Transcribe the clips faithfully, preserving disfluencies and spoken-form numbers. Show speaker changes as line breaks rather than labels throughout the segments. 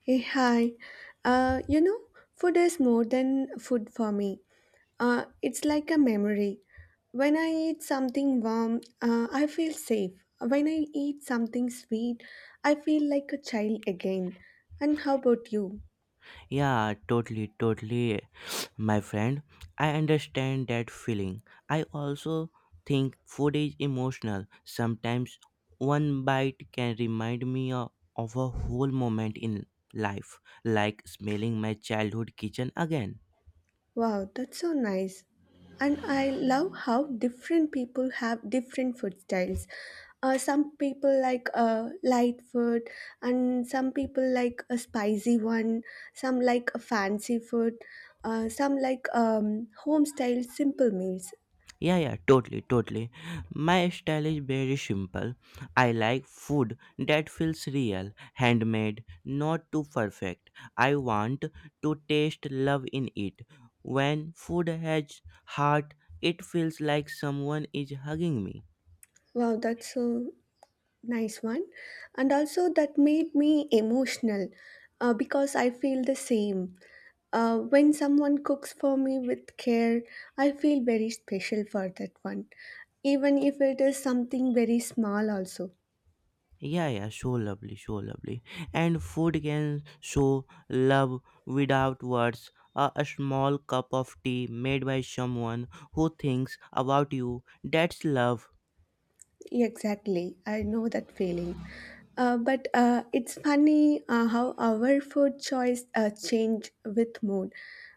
Hey, hi. Uh, you know, Food is more than food for me. Uh, it's like a memory. When I eat something warm, uh, I feel safe. When I eat something sweet, I feel like a child again. And how about you?
Yeah, totally, totally, my friend. I understand that feeling. I also think food is emotional. Sometimes one bite can remind me o- of a whole moment in life, like smelling my childhood kitchen again.
Wow, that's so nice. And I love how different people have different food styles. Uh, some people like uh, light food, and some people like a spicy one, some like a fancy food, uh, some like um, home style simple meals.
Yeah, yeah, totally, totally. My style is very simple. I like food that feels real, handmade, not too perfect. I want to taste love in it. When food has heart, it feels like someone is hugging me.
Wow, that's so nice one. And also, that made me emotional uh, because I feel the same. Uh, when someone cooks for me with care, I feel very special for that one, even if it is something very small, also.
Yeah, yeah, so lovely, so lovely. And food can show love without words. A, a small cup of tea made by someone who thinks about you, that's love.
Exactly, I know that feeling. Uh, but uh, it's funny uh, how our food choice uh, change with mood.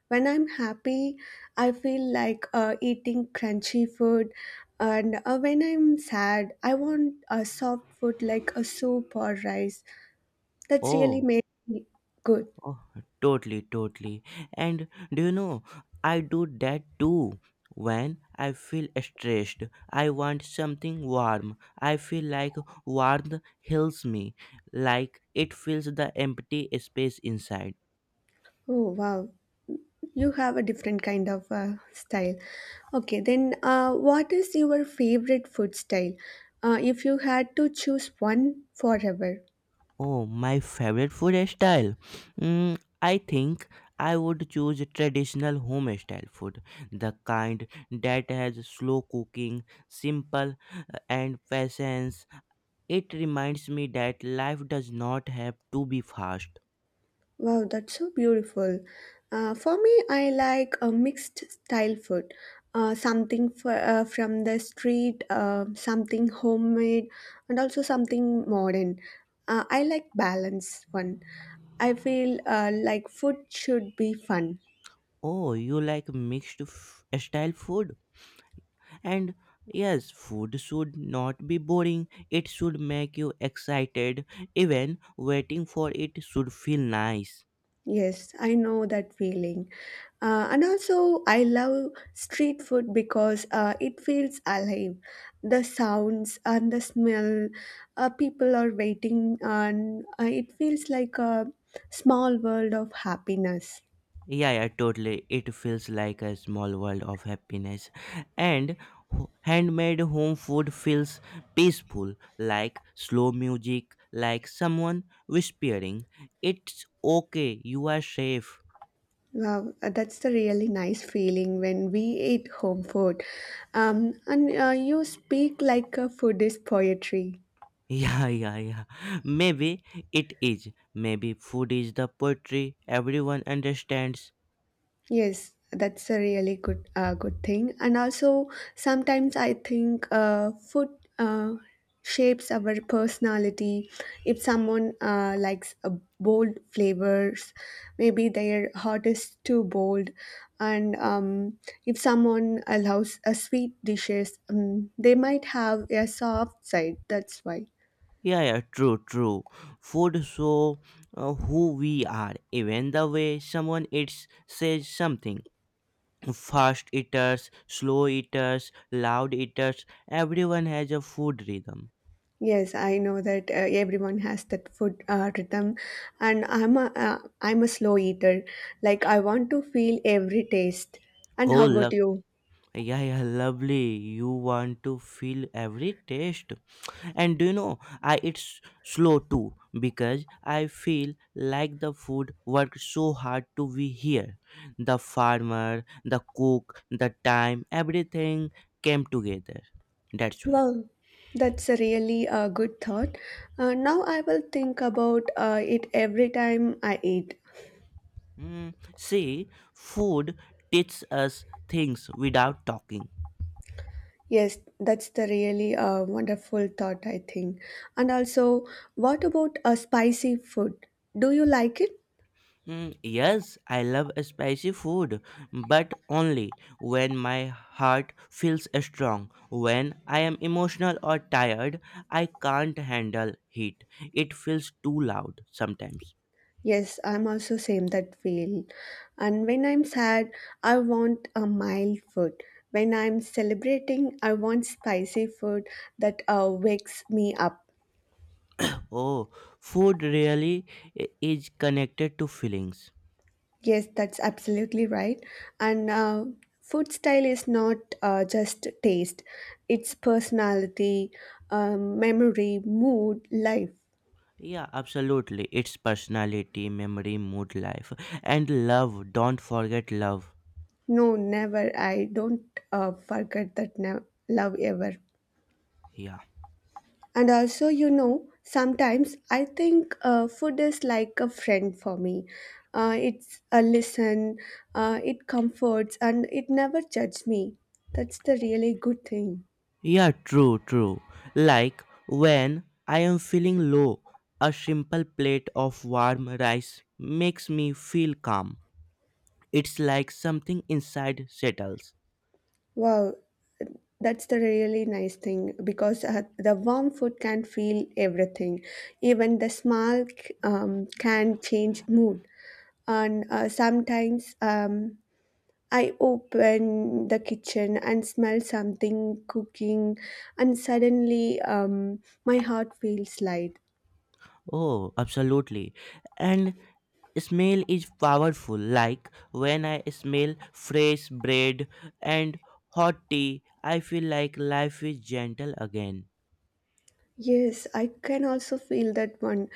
When I'm happy, I feel like uh, eating crunchy food, and uh, when I'm sad, I want a soft food like a soup or rice. That's really
Oh.
made me good.
Oh, totally, totally. And do you know, I do that too. When I feel stressed, I want something warm. I feel like warmth heals me, like it fills the empty space inside.
Oh wow, you have a different kind of uh, style. Okay, then uh, what is your favorite food style? Uh, if you had to choose one forever.
Oh, my favorite food style. Mm, I think I would choose traditional home style food, the kind that has slow cooking, simple uh, and patience. It reminds me that life does not have to be fast.
Wow, that's so beautiful. Uh, for me, I like a mixed style food. Uh, something for, uh, from the street, uh, something homemade, and also something modern. Uh, I like balance one. I feel uh, like food should be fun.
Oh, you like mixed f- style food? And yes, food should not be boring. It should make you excited. Even waiting for it should feel nice.
Yes, I know that feeling. Uh, and also, I love street food because uh, it feels alive. The sounds and the smell, uh, people are waiting, and uh, it feels like a small world of happiness.
Yeah, yeah, totally. It feels like a small world of happiness. And ho- handmade home food feels peaceful, like slow music, like someone whispering, it's okay, you are safe.
Wow, uh, that's the really nice feeling when we eat home food. Um, and uh, you speak like a food is poetry.
Yeah, yeah, yeah. Maybe it is. Maybe food is the poetry everyone understands.
Yes, that's a really good uh, good thing. And also, sometimes I think uh, food uh, shapes our personality. If someone uh, likes uh, bold flavors, maybe their heart is too bold. And um, if someone allows uh, sweet dishes, um, they might have a soft side. That's why.
Yeah, yeah, true, true. Food show uh, who we are, even the way someone eats says something. Fast eaters, slow eaters, loud eaters, everyone has a food rhythm.
Yes, I know that uh, everyone has that food uh, rhythm, and I'm a uh, I'm a slow eater. Like I want to feel every taste. And
Oh,
how about
love.
you?
Yeah, yeah, lovely. You want to feel every taste. And do you know, I eat s- slow too because I feel like the food worked so hard to be here. The farmer, the cook, the time, everything came together. That's why.
Well, that's a really uh, good thought. Uh, now I will think about uh, it every time I eat.
Mm, see, food teaches us things without talking.
Yes, that's the really uh, wonderful thought I think. And also, what about a spicy food? Do you like it?
Mm, yes, I love spicy food, but only when my heart feels strong. When I am emotional or tired, I can't handle heat. It feels too loud sometimes.
Yes, I'm also same that feel. And when I'm sad, I want a mild food. When I'm celebrating, I want spicy food that uh, wakes me up.
Oh, food really i- is connected to feelings.
Yes, that's absolutely right. And uh, food style is not uh, just taste; it's personality, um, memory, mood, life.
Yeah, absolutely. It's personality, memory, mood, life, and love. Don't forget love.
No, never. I don't uh, forget that. Never, love ever.
Yeah.
And also, you know, sometimes I think uh, food is like a friend for me. Uh, it's a listen, uh, it comforts, and it never judges me. That's the really good thing.
Yeah, true, true. Like when I am feeling low, a simple plate of warm rice makes me feel calm. It's like something inside settles.
Wow, that's the really nice thing because uh, the warm food can feel everything. Even the smell c- um, can change mood. And uh, sometimes um, I open the kitchen and smell something cooking, and suddenly um, my heart feels light.
Oh, absolutely. And smell is powerful. Like when I smell fresh bread and hot tea, I feel like life is gentle again.
Yes, I can also feel that one,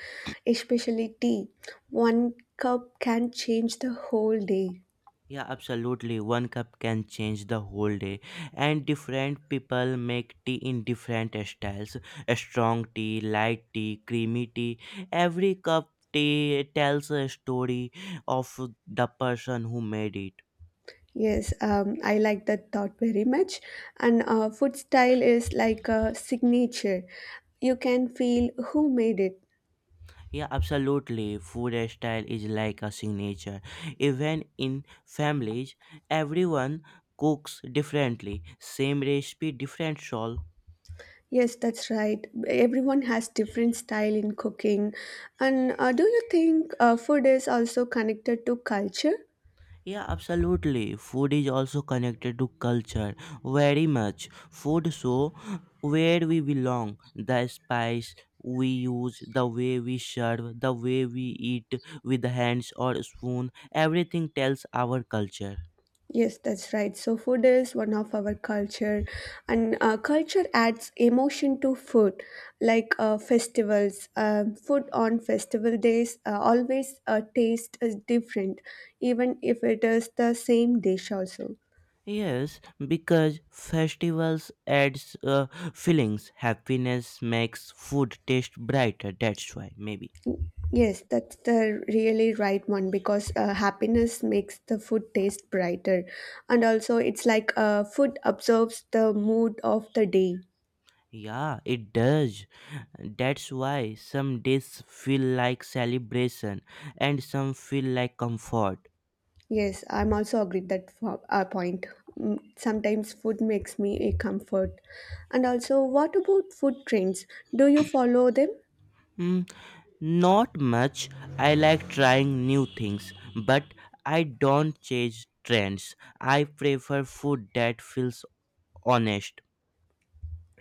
especially tea. One cup can change the whole day.
Yeah, absolutely. One cup can change the whole day. And different people make tea in different styles, a strong tea, light tea, creamy tea. Every cup tea tells a story of the person who made it.
Yes, um, I like that thought very much. And uh, food style is like a signature. You can feel who made it.
Yeah, absolutely. Food style is like a signature. Even in families, everyone cooks differently. Same recipe, different soul.
Yes, that's right. Everyone has different style in cooking. And uh, do you think uh, food is also connected to culture?
Yeah, absolutely. Food is also connected to culture very much. Food show where we belong, the spice we use, the way we serve, the way we eat with hands or spoon, everything tells our culture.
Yes, that's right. So food is one of our culture, and uh, culture adds emotion to food, like uh, festivals. Uh, food on festival days uh, always uh, taste is different, even if it is the same dish also.
Yes, because festivals adds uh, feelings. Happiness makes food taste brighter. That's why maybe.
Yes, that's the really right one because uh, happiness makes the food taste brighter. And also, it's like uh, food absorbs the mood of the day.
Yeah, it does. That's why some days feel like celebration and some feel like comfort.
Yes, I'm also agreed that for our point. Mm, sometimes food makes me a comfort. And also, what about food trends? Do you follow them?
Hmm, not much. I like trying new things, but I don't chase trends. I prefer food that feels honest.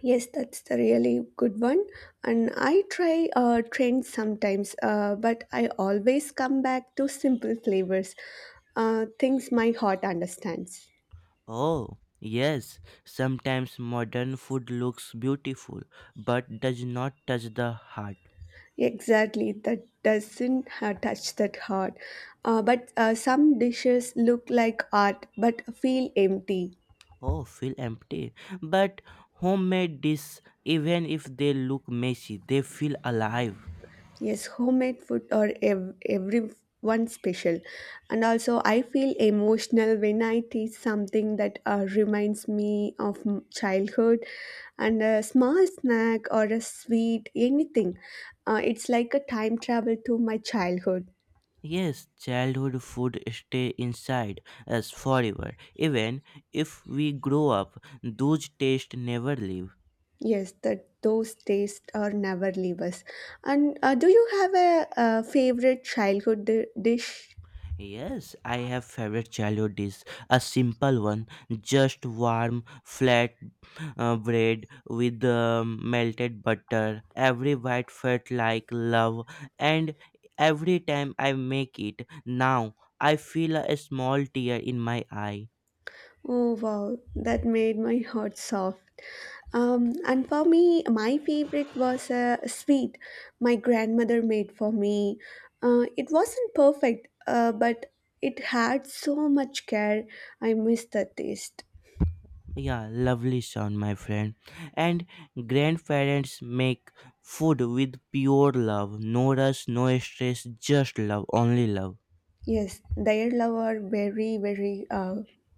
Yes, that's the really good one. And I try uh, trends sometimes, uh, but I always come back to simple flavors, uh, things my heart understands.
Oh, yes. Sometimes modern food looks beautiful but does not touch the heart.
Exactly, that doesn't uh, touch that heart. Uh, but uh, some dishes look like art but feel empty.
Oh, feel empty. But homemade dishes, even if they look messy, they feel alive.
Yes, homemade food or ev- everyone special. And also, I feel emotional when I taste something that uh, reminds me of m- childhood and a small snack or a sweet, anything. Uh, it's like a time travel to my childhood.
Yes, childhood food stay inside us forever. Even if we grow up, those tastes never leave.
Yes, that those tastes are never leave us. And uh, do you have a, uh, favorite childhood di- dish
Yes, I have favorite childhood dish. A simple one, just warm flat uh, bread with um, melted butter. Every bite felt like love, and every time I make it now, I feel a small tear in my eye.
Oh wow, that made my heart soft. Um, and for me, my favorite was a sweet my grandmother made for me. Uh, it wasn't perfect, uh, but it had so much care. I missed the taste.
Yeah, lovely sound, my friend. And grandparents make food with pure love, no rush, no stress, just love, only love.
Yes, their love are very, very uh,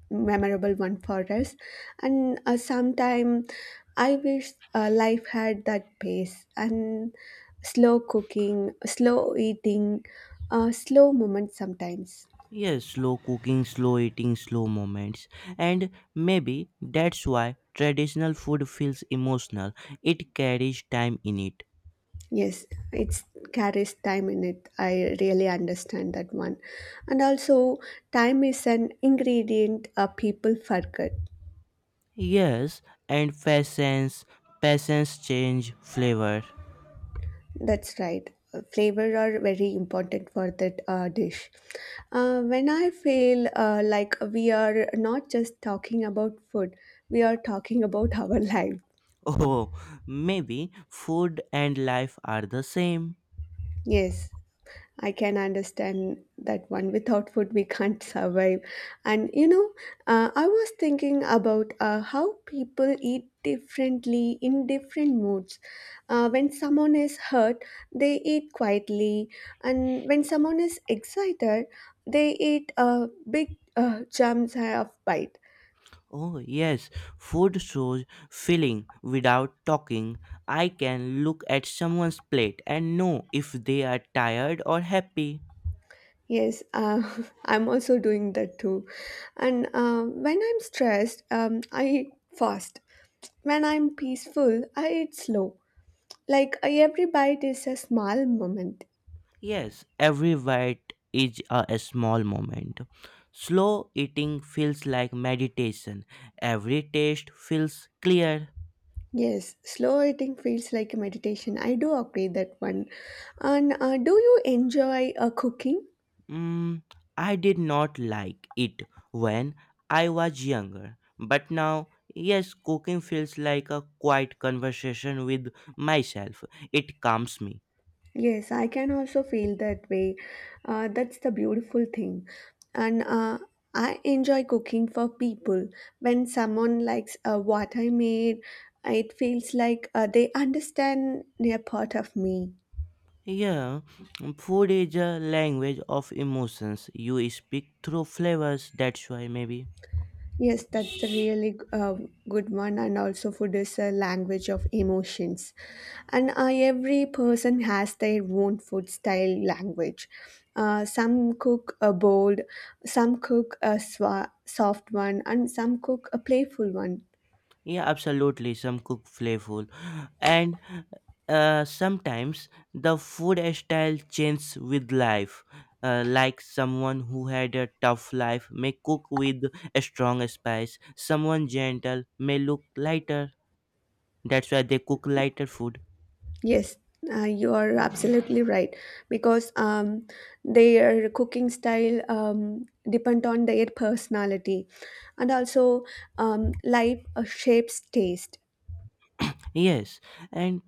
memorable one for us. And uh, sometime I wish uh, life had that pace and slow cooking, slow eating, uh, slow moments sometimes.
Yes, slow cooking, slow eating, slow moments. And maybe that's why traditional food feels emotional. It carries time in it.
Yes, it carries time in it. I really understand that one. And also, time is an ingredient uh, people forget.
Yes, and patience, patience change flavor.
That's right. Flavor are very important for that uh, dish. Uh, when I feel uh, like we are not just talking about food, we are talking about our life.
Oh, maybe food and life are the same.
Yes. I can understand that one. Without food, we can't survive. And you know, uh, I was thinking about uh, how people eat differently in different moods. Uh, when someone is hurt, they eat quietly, and when someone is excited, they eat uh, big uh, jumps of bite.
Oh, yes, food shows feeling without talking. I can look at someone's plate and know if they are tired or happy.
Yes, uh, I'm also doing that too. And uh, when I'm stressed, um, I eat fast. When I'm peaceful, I eat slow. Like uh, every bite is a small moment.
Yes, every bite is a a small moment. Slow eating feels like meditation. Every taste feels clear.
Yes, slow eating feels like a meditation. I do agree that one. And uh, do you enjoy uh, cooking?
Mm, I did not like it when I was younger, but now, yes, cooking feels like a quiet conversation with myself. It calms me.
Yes, I can also feel that way. Uh, that's the beautiful thing. And uh, I enjoy cooking for people. When someone likes uh, what I made, it feels like uh, they understand their part of me.
Yeah, food is a language of emotions. You speak through flavors, that's why, maybe.
Yes, that's a really uh, good one. And also, food is a language of emotions. And uh, every person has their own food style language. Uh, some cook a bold, some cook a swa- soft one, and some cook a playful one.
Yeah, absolutely. Some cook flavorful, and uh, sometimes the food style changes with life. Uh, like someone who had a tough life may cook with a strong spice. Someone gentle may look lighter. That's why they cook lighter food.
Yes, uh, you are absolutely right because um, their cooking style um, depend on their personality, and also um, life uh, shapes taste.
Yes, and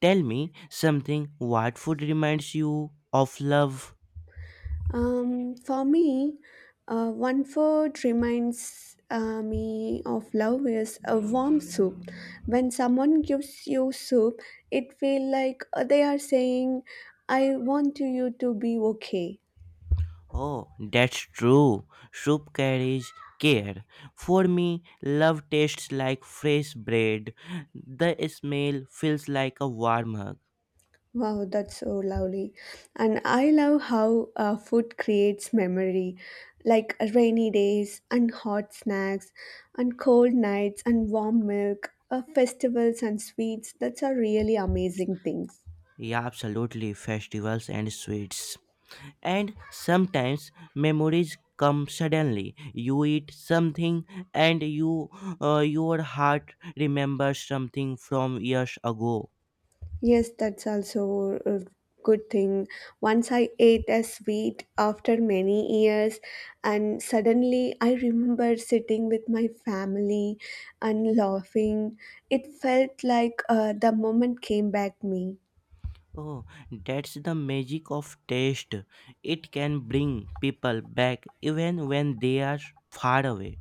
tell me something. What food reminds you of love?
Um, for me, uh, one food reminds uh, me of love is a warm soup. When someone gives you soup, it feels like uh, they are saying, I want you to be okay.
Oh, that's true. Soup carries care. For me, love tastes like fresh bread. The smell feels like a warm hug.
Wow, that's so lovely. And I love how uh, food creates memory, like rainy days and hot snacks and cold nights and warm milk, uh, festivals and sweets. That's are really amazing things.
Yeah, absolutely. Festivals and sweets. And sometimes memories come suddenly. You eat something and you uh, your heart remembers something from years ago.
Yes, that's also a good thing. Once I ate a sweet after many years, and suddenly I remember sitting with my family and laughing. It felt like uh, the moment came back me.
Oh, that's the magic of taste. It can bring people back even when they are far away.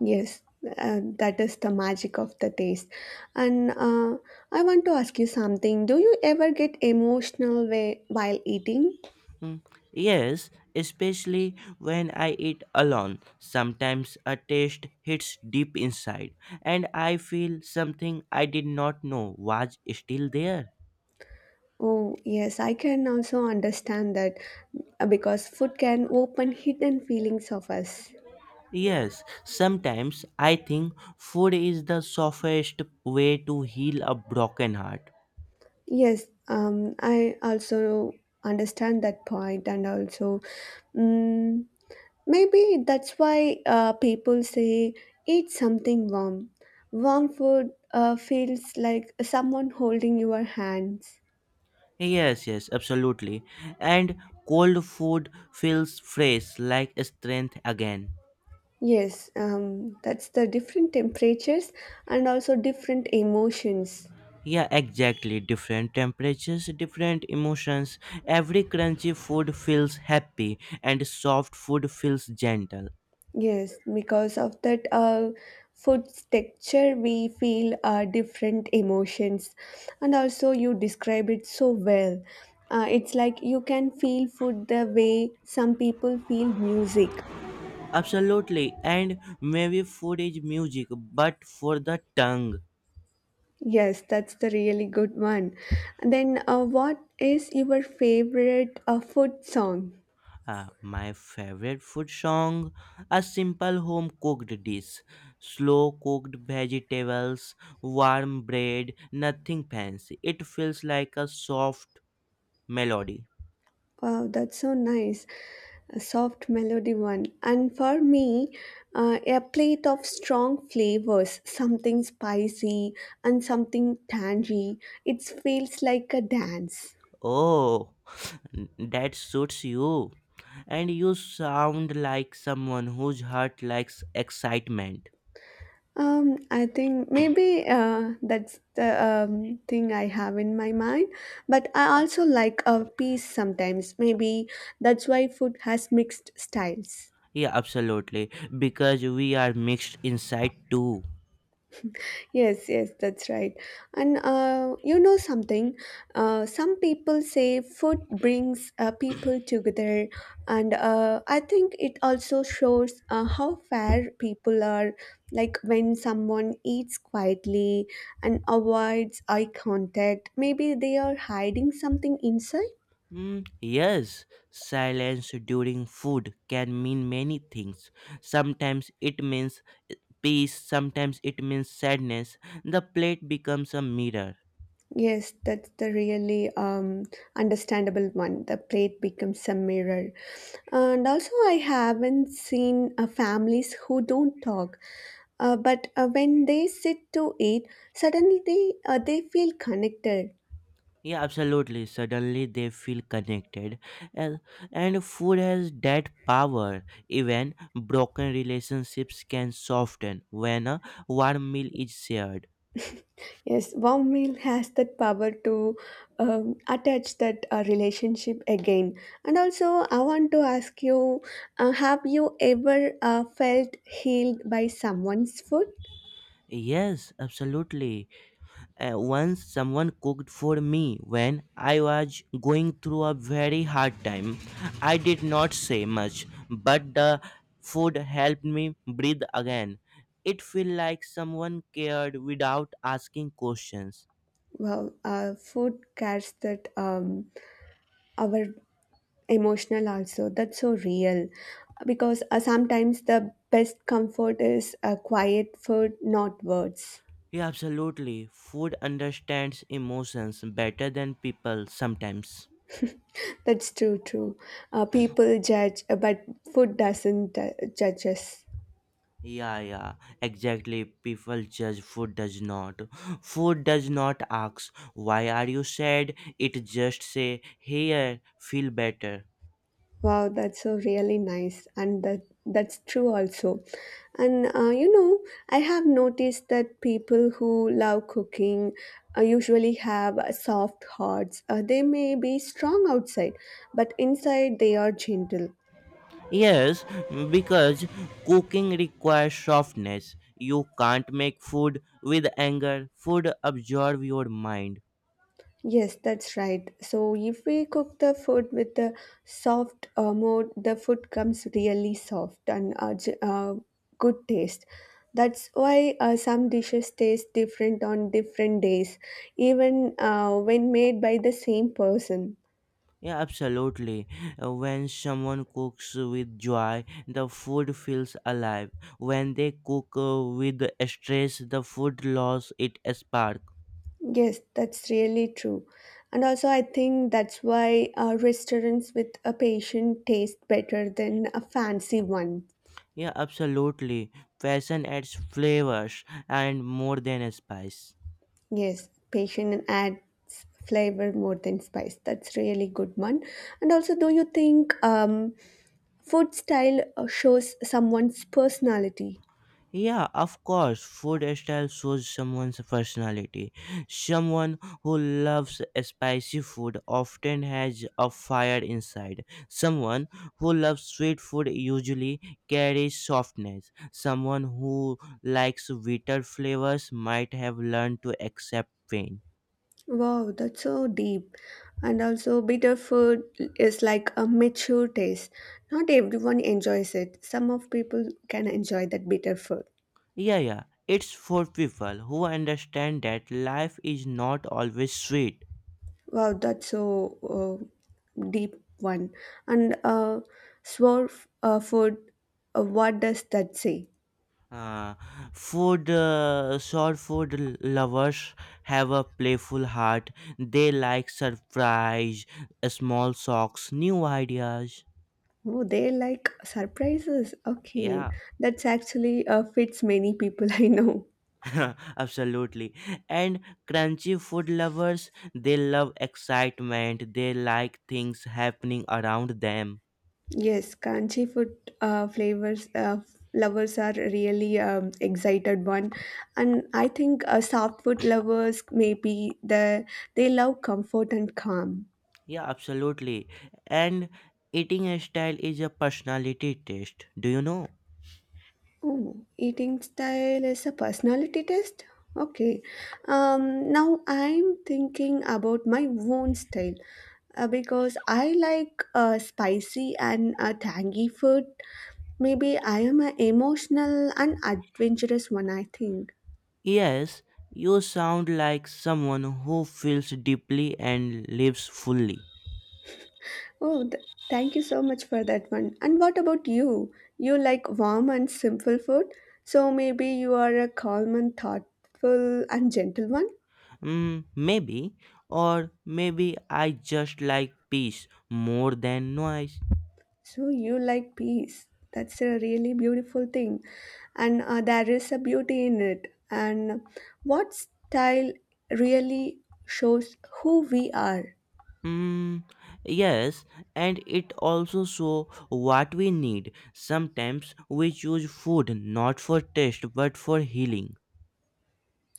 Yes, uh, that is the magic of the taste. And uh, I want to ask you something. Do you ever get emotional whe- while eating?
Mm, yes, especially when I eat alone. Sometimes a taste hits deep inside, and I feel something I did not know was still there.
Oh, yes, I can also understand that uh, because food can open hidden feelings of us.
Yes, sometimes I think food is the softest way to heal a broken heart.
Yes, um, I also understand that point, and also mm, maybe that's why uh, people say eat something warm. Warm food uh, feels like someone holding your hands.
Yes, yes, absolutely. And cold food feels fresh, like strength again.
Yes, um, that's the different temperatures and also different emotions.
Yeah, exactly. Different temperatures, different emotions. Every crunchy food feels happy, and soft food feels gentle.
Yes, because of that uh, food's texture, we feel uh, different emotions. And also, you describe it so well. Uh, it's like you can feel food the way some people feel music.
Absolutely. And maybe food is music, but for the tongue.
Yes, that's the really good one. And then, uh, what is your favorite uh, food song?
Uh, my favorite food song, a simple home cooked dish, slow cooked vegetables, warm bread, nothing fancy. It feels like a soft melody.
Wow, that's so nice. A soft melody one. And for me, uh, a plate of strong flavors, something spicy and something tangy. It feels like a dance.
Oh, that suits you, and you sound like someone whose heart likes excitement.
Um, I think maybe uh, that's the um, thing I have in my mind. But I also like a piece sometimes. Maybe that's why food has mixed styles.
Yeah, absolutely, because we are mixed inside too.
Yes, yes, that's right. And uh, you know something? Uh, some people say food brings uh, people together, and uh, I think it also shows uh, how fair people are. Like when someone eats quietly and avoids eye contact, maybe they are hiding something inside.
Mm, yes, silence during food can mean many things. Sometimes it means peace, sometimes it means sadness. The plate becomes a mirror.
Yes, that's the really um, understandable one. The plate becomes a mirror. And also, I haven't seen uh, families who don't talk. Uh, but uh, when they sit to eat, suddenly they, uh, they feel connected.
Yeah, absolutely. Suddenly they feel connected. And, and food has that power. Even broken relationships can soften when a warm meal is shared.
Yes, warm meal has that power to um, attach that uh, relationship again. And also, I want to ask you, uh, have you ever uh, felt healed by someone's food?
Yes, absolutely. Uh, once someone cooked for me when I was going through a very hard time. I did not say much, but the food helped me breathe again. It felt like someone cared without asking questions.
Wow, uh, food cares that, um, our emotional also. That's so real, because uh, sometimes the best comfort is uh, quiet food, not words.
Yeah, absolutely. Food understands emotions better than people sometimes.
That's true, true. Uh, people judge, uh, but food doesn't uh, judge us.
Yeah, yeah, exactly. People judge, food does not. Food does not ask, why are you sad? It just say, here, feel better.
Wow, that's so really nice, and that that's true also. And uh, you know, I have noticed that people who love cooking uh, usually have uh, soft hearts. Uh, they may be strong outside, but inside they are gentle.
Yes, because cooking requires softness. You can't make food with anger. Food absorb your mind.
Yes, that's right. So if we cook the food with the soft uh, mode, the food comes really soft and uh, j- uh, good taste. That's why uh, some dishes taste different on different days, even uh, when made by the same person.
Yeah, absolutely. Uh, When someone cooks with joy, the food feels alive. When they cook uh, with stress, the food loses its spark.
Yes, that's really true. And also, I think that's why uh, restaurants with a patient taste better than a fancy one.
Yeah, absolutely. Fashion adds flavors and more than a spice.
Yes, patient adds flavor more than spice. That's really good one. And also, do you think um, food style uh, shows someone's personality?
Yeah, of course, food style shows someone's personality. Someone who loves spicy food often has a fire inside. Someone who loves sweet food usually carries softness. Someone who likes bitter flavors might have learned to accept pain.
Wow, that's so deep. And also, bitter food is like a mature taste. Not everyone enjoys it. Some of people can enjoy that bitter food.
Yeah, yeah. It's for people who understand that life is not always sweet.
Wow, that's so uh, deep one. And uh, sour f- uh, food, uh, what does that say?
Uh, food, uh, Short food lovers have a playful heart. They like surprise, small shocks, new ideas.
Oh, they like surprises. Okay,
Yeah,
that's actually uh, fits many people I know.
absolutely. And crunchy food lovers, they love excitement. They like things happening around them.
Yes, Kanchi food uh, flavors uh, lovers are really um, excited one, and I think uh, soft food lovers maybe the they love comfort and calm.
Yeah, absolutely. And eating style is a personality test. Do you know?
Ooh, eating style is a personality test? Okay. Um, now I'm thinking about my own style uh, because I like uh, spicy and uh, tangy food. Maybe I am an emotional and adventurous one, I think.
Yes, you sound like someone who feels deeply and lives fully.
Oh, th- thank you so much for that one. And what about you? You like warm and simple food, so maybe you are a calm and thoughtful and gentle one?
Mm, maybe, or maybe I just like peace more than noise.
So you like peace. That's a really beautiful thing. And uh, there is a beauty in it. And what style really shows who we are.
Mm, yes, and it also shows what we need. Sometimes we choose food not for taste but for healing.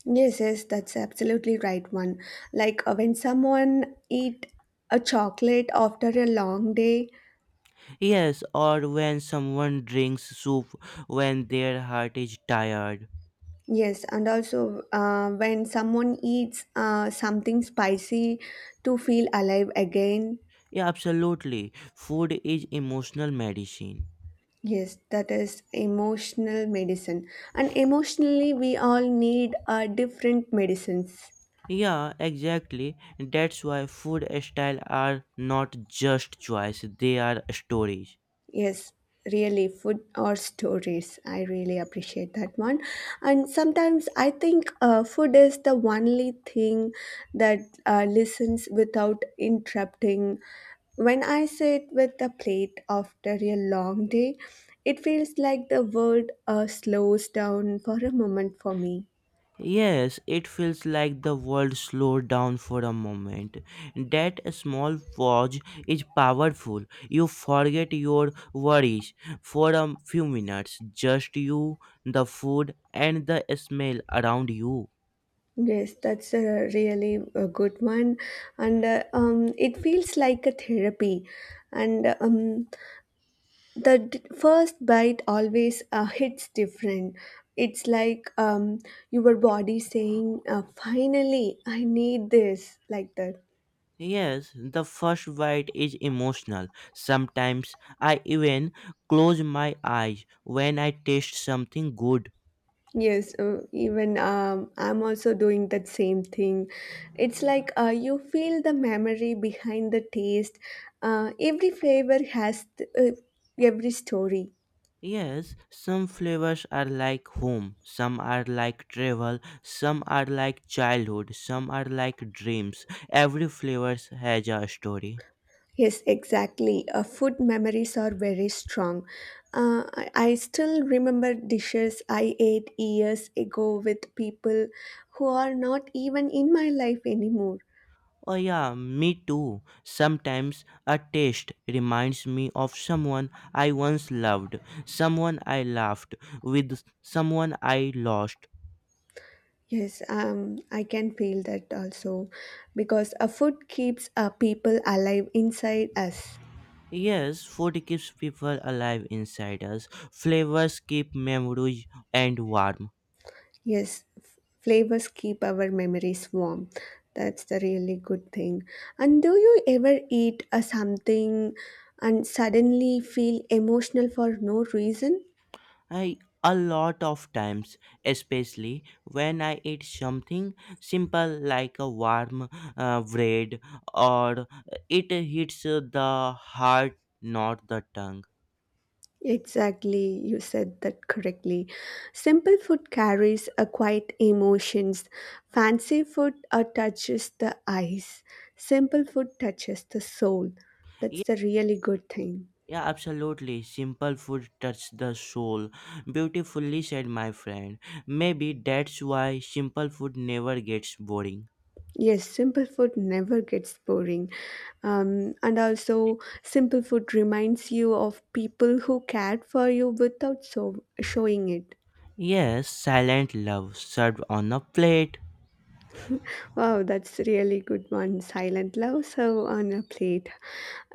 Yes, yes, that's absolutely right one. Like uh, when someone eat a chocolate after a long day.
Yes, or when someone drinks soup when their heart is tired.
Yes, and also uh, when someone eats uh, something spicy to feel alive again.
Yeah, absolutely. Food is emotional medicine.
Yes, that is emotional medicine. And emotionally, we all need uh, different medicines.
Yeah, exactly. That's why food style are not just choice, they are stories.
Yes, really, food or stories. I really appreciate that one. And sometimes I think uh, food is the only thing that uh, listens without interrupting. When I sit with the plate after a long day, it feels like the world uh, slows down for a moment for me.
Yes, it feels like the world slowed down for a moment. That small pause is powerful. You forget your worries for a few minutes. Just you, the food, and the smell around you.
Yes, that's a really a good one, and uh, um, it feels like a therapy. And um, the d- first bite always uh, hits different. It's like um, your body saying, uh, "Finally, I need this." Like that.
Yes, the first bite is emotional. Sometimes I even close my eyes when I taste something good.
Yes, uh, even um, I'm also doing that same thing. It's like uh, you feel the memory behind the taste. Uh, every flavor has th- uh, every story.
Yes, some flavors are like home, some are like travel, some are like childhood, some are like dreams. Every flavor has a story.
Yes, exactly. Uh, food memories are very strong. Uh, I I still remember dishes I ate years ago with people who are not even in my life anymore.
Oh, yeah, me too. Sometimes a taste reminds me of someone I once loved, someone I laughed with, someone I lost.
Yes, um, I can feel that also because a food keeps uh, people alive inside us.
Yes, food keeps people alive inside us. Flavors keep memories and warm.
Yes, f- flavors keep our memories warm. That's the really good thing. And do you ever eat a something and suddenly feel emotional for no reason?
I a lot of times, especially when I eat something simple like a warm uh, bread, or it hits the heart, not the tongue.
Exactly, you said that correctly. Simple food carries a quiet emotions. Fancy food uh, touches the eyes. Simple food touches the soul.
Yeah,
That's the really good thing.
yeah, absolutely. Simple food touch the soul. Beautifully said, my friend. Maybe that's why simple food never gets boring.
Yes, simple food never gets boring. Um, and also, simple food reminds you of people who cared for you without so showing it.
Yes, silent love served on a plate.
Wow, that's really good one. Silent love serve on a plate.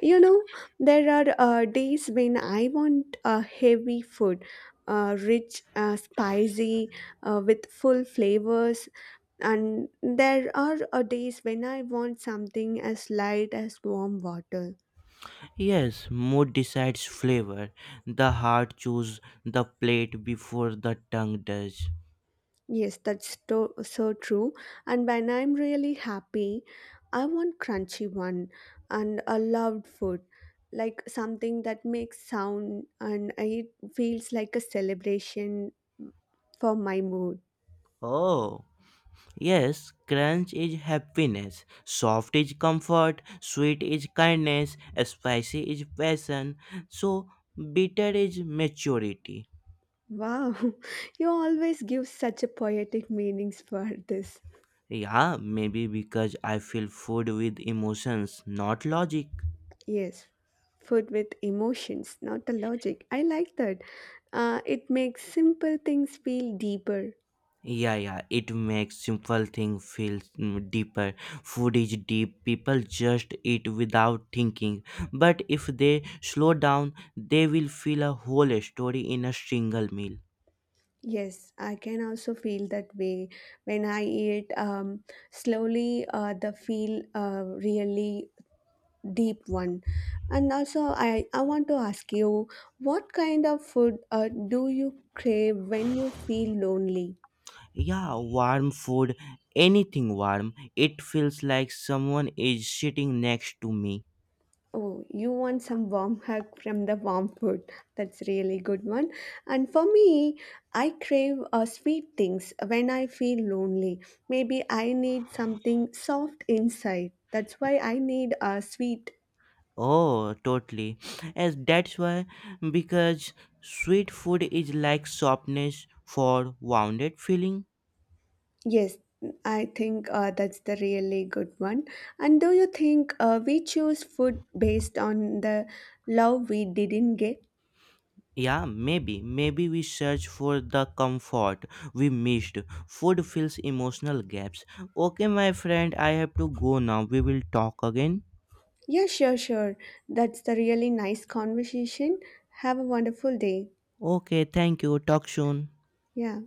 You know, there are uh, days when I want uh, heavy food, uh, rich, uh, spicy, uh, with full flavors. And there are uh, days when I want something as light as warm water.
Yes, mood decides flavor. The heart chooses the plate before the tongue does.
Yes, that's to- so true. And when I'm really happy, I want crunchy one and a loved food, like something that makes sound and it feels like a celebration for my mood.
Oh, yes, crunch is happiness, soft is comfort, sweet is kindness, spicy is passion, so bitter is maturity.
Wow, you always give such a poetic meanings for this.
Yeah, maybe because I feel food with emotions, not logic.
Yes, food with emotions, not the logic. I like that. Uh, it makes simple things feel deeper.
Yeah, yeah, it makes simple thing feel mm, deeper. Food is deep. People just eat without thinking, but if they slow down they will feel a whole story in a single meal.
Yes, I can also feel that way when I eat um, slowly uh, the feel uh, really deep one. And also I, I want to ask you what kind of food uh, do you crave when you feel lonely?
Yeah, warm food, anything warm. It feels like someone is sitting next to me.
Oh, you want some warm hug from the warm food. That's really good one. And for me, I crave uh, sweet things when I feel lonely. Maybe I need something soft inside. That's why I need a sweet.
Oh, totally, as that's why, because sweet food is like softness for wounded feeling.
Yes, I think uh, that's the really good one. And do you think uh, we choose food based on the love we didn't get?
Yeah, maybe. Maybe we search for the comfort we missed. Food fills emotional gaps. Okay, my friend, I have to go now. We will talk again.
Yeah, sure, sure. That's the really nice conversation. Have a wonderful day.
Okay, thank you. Talk soon.
Yeah.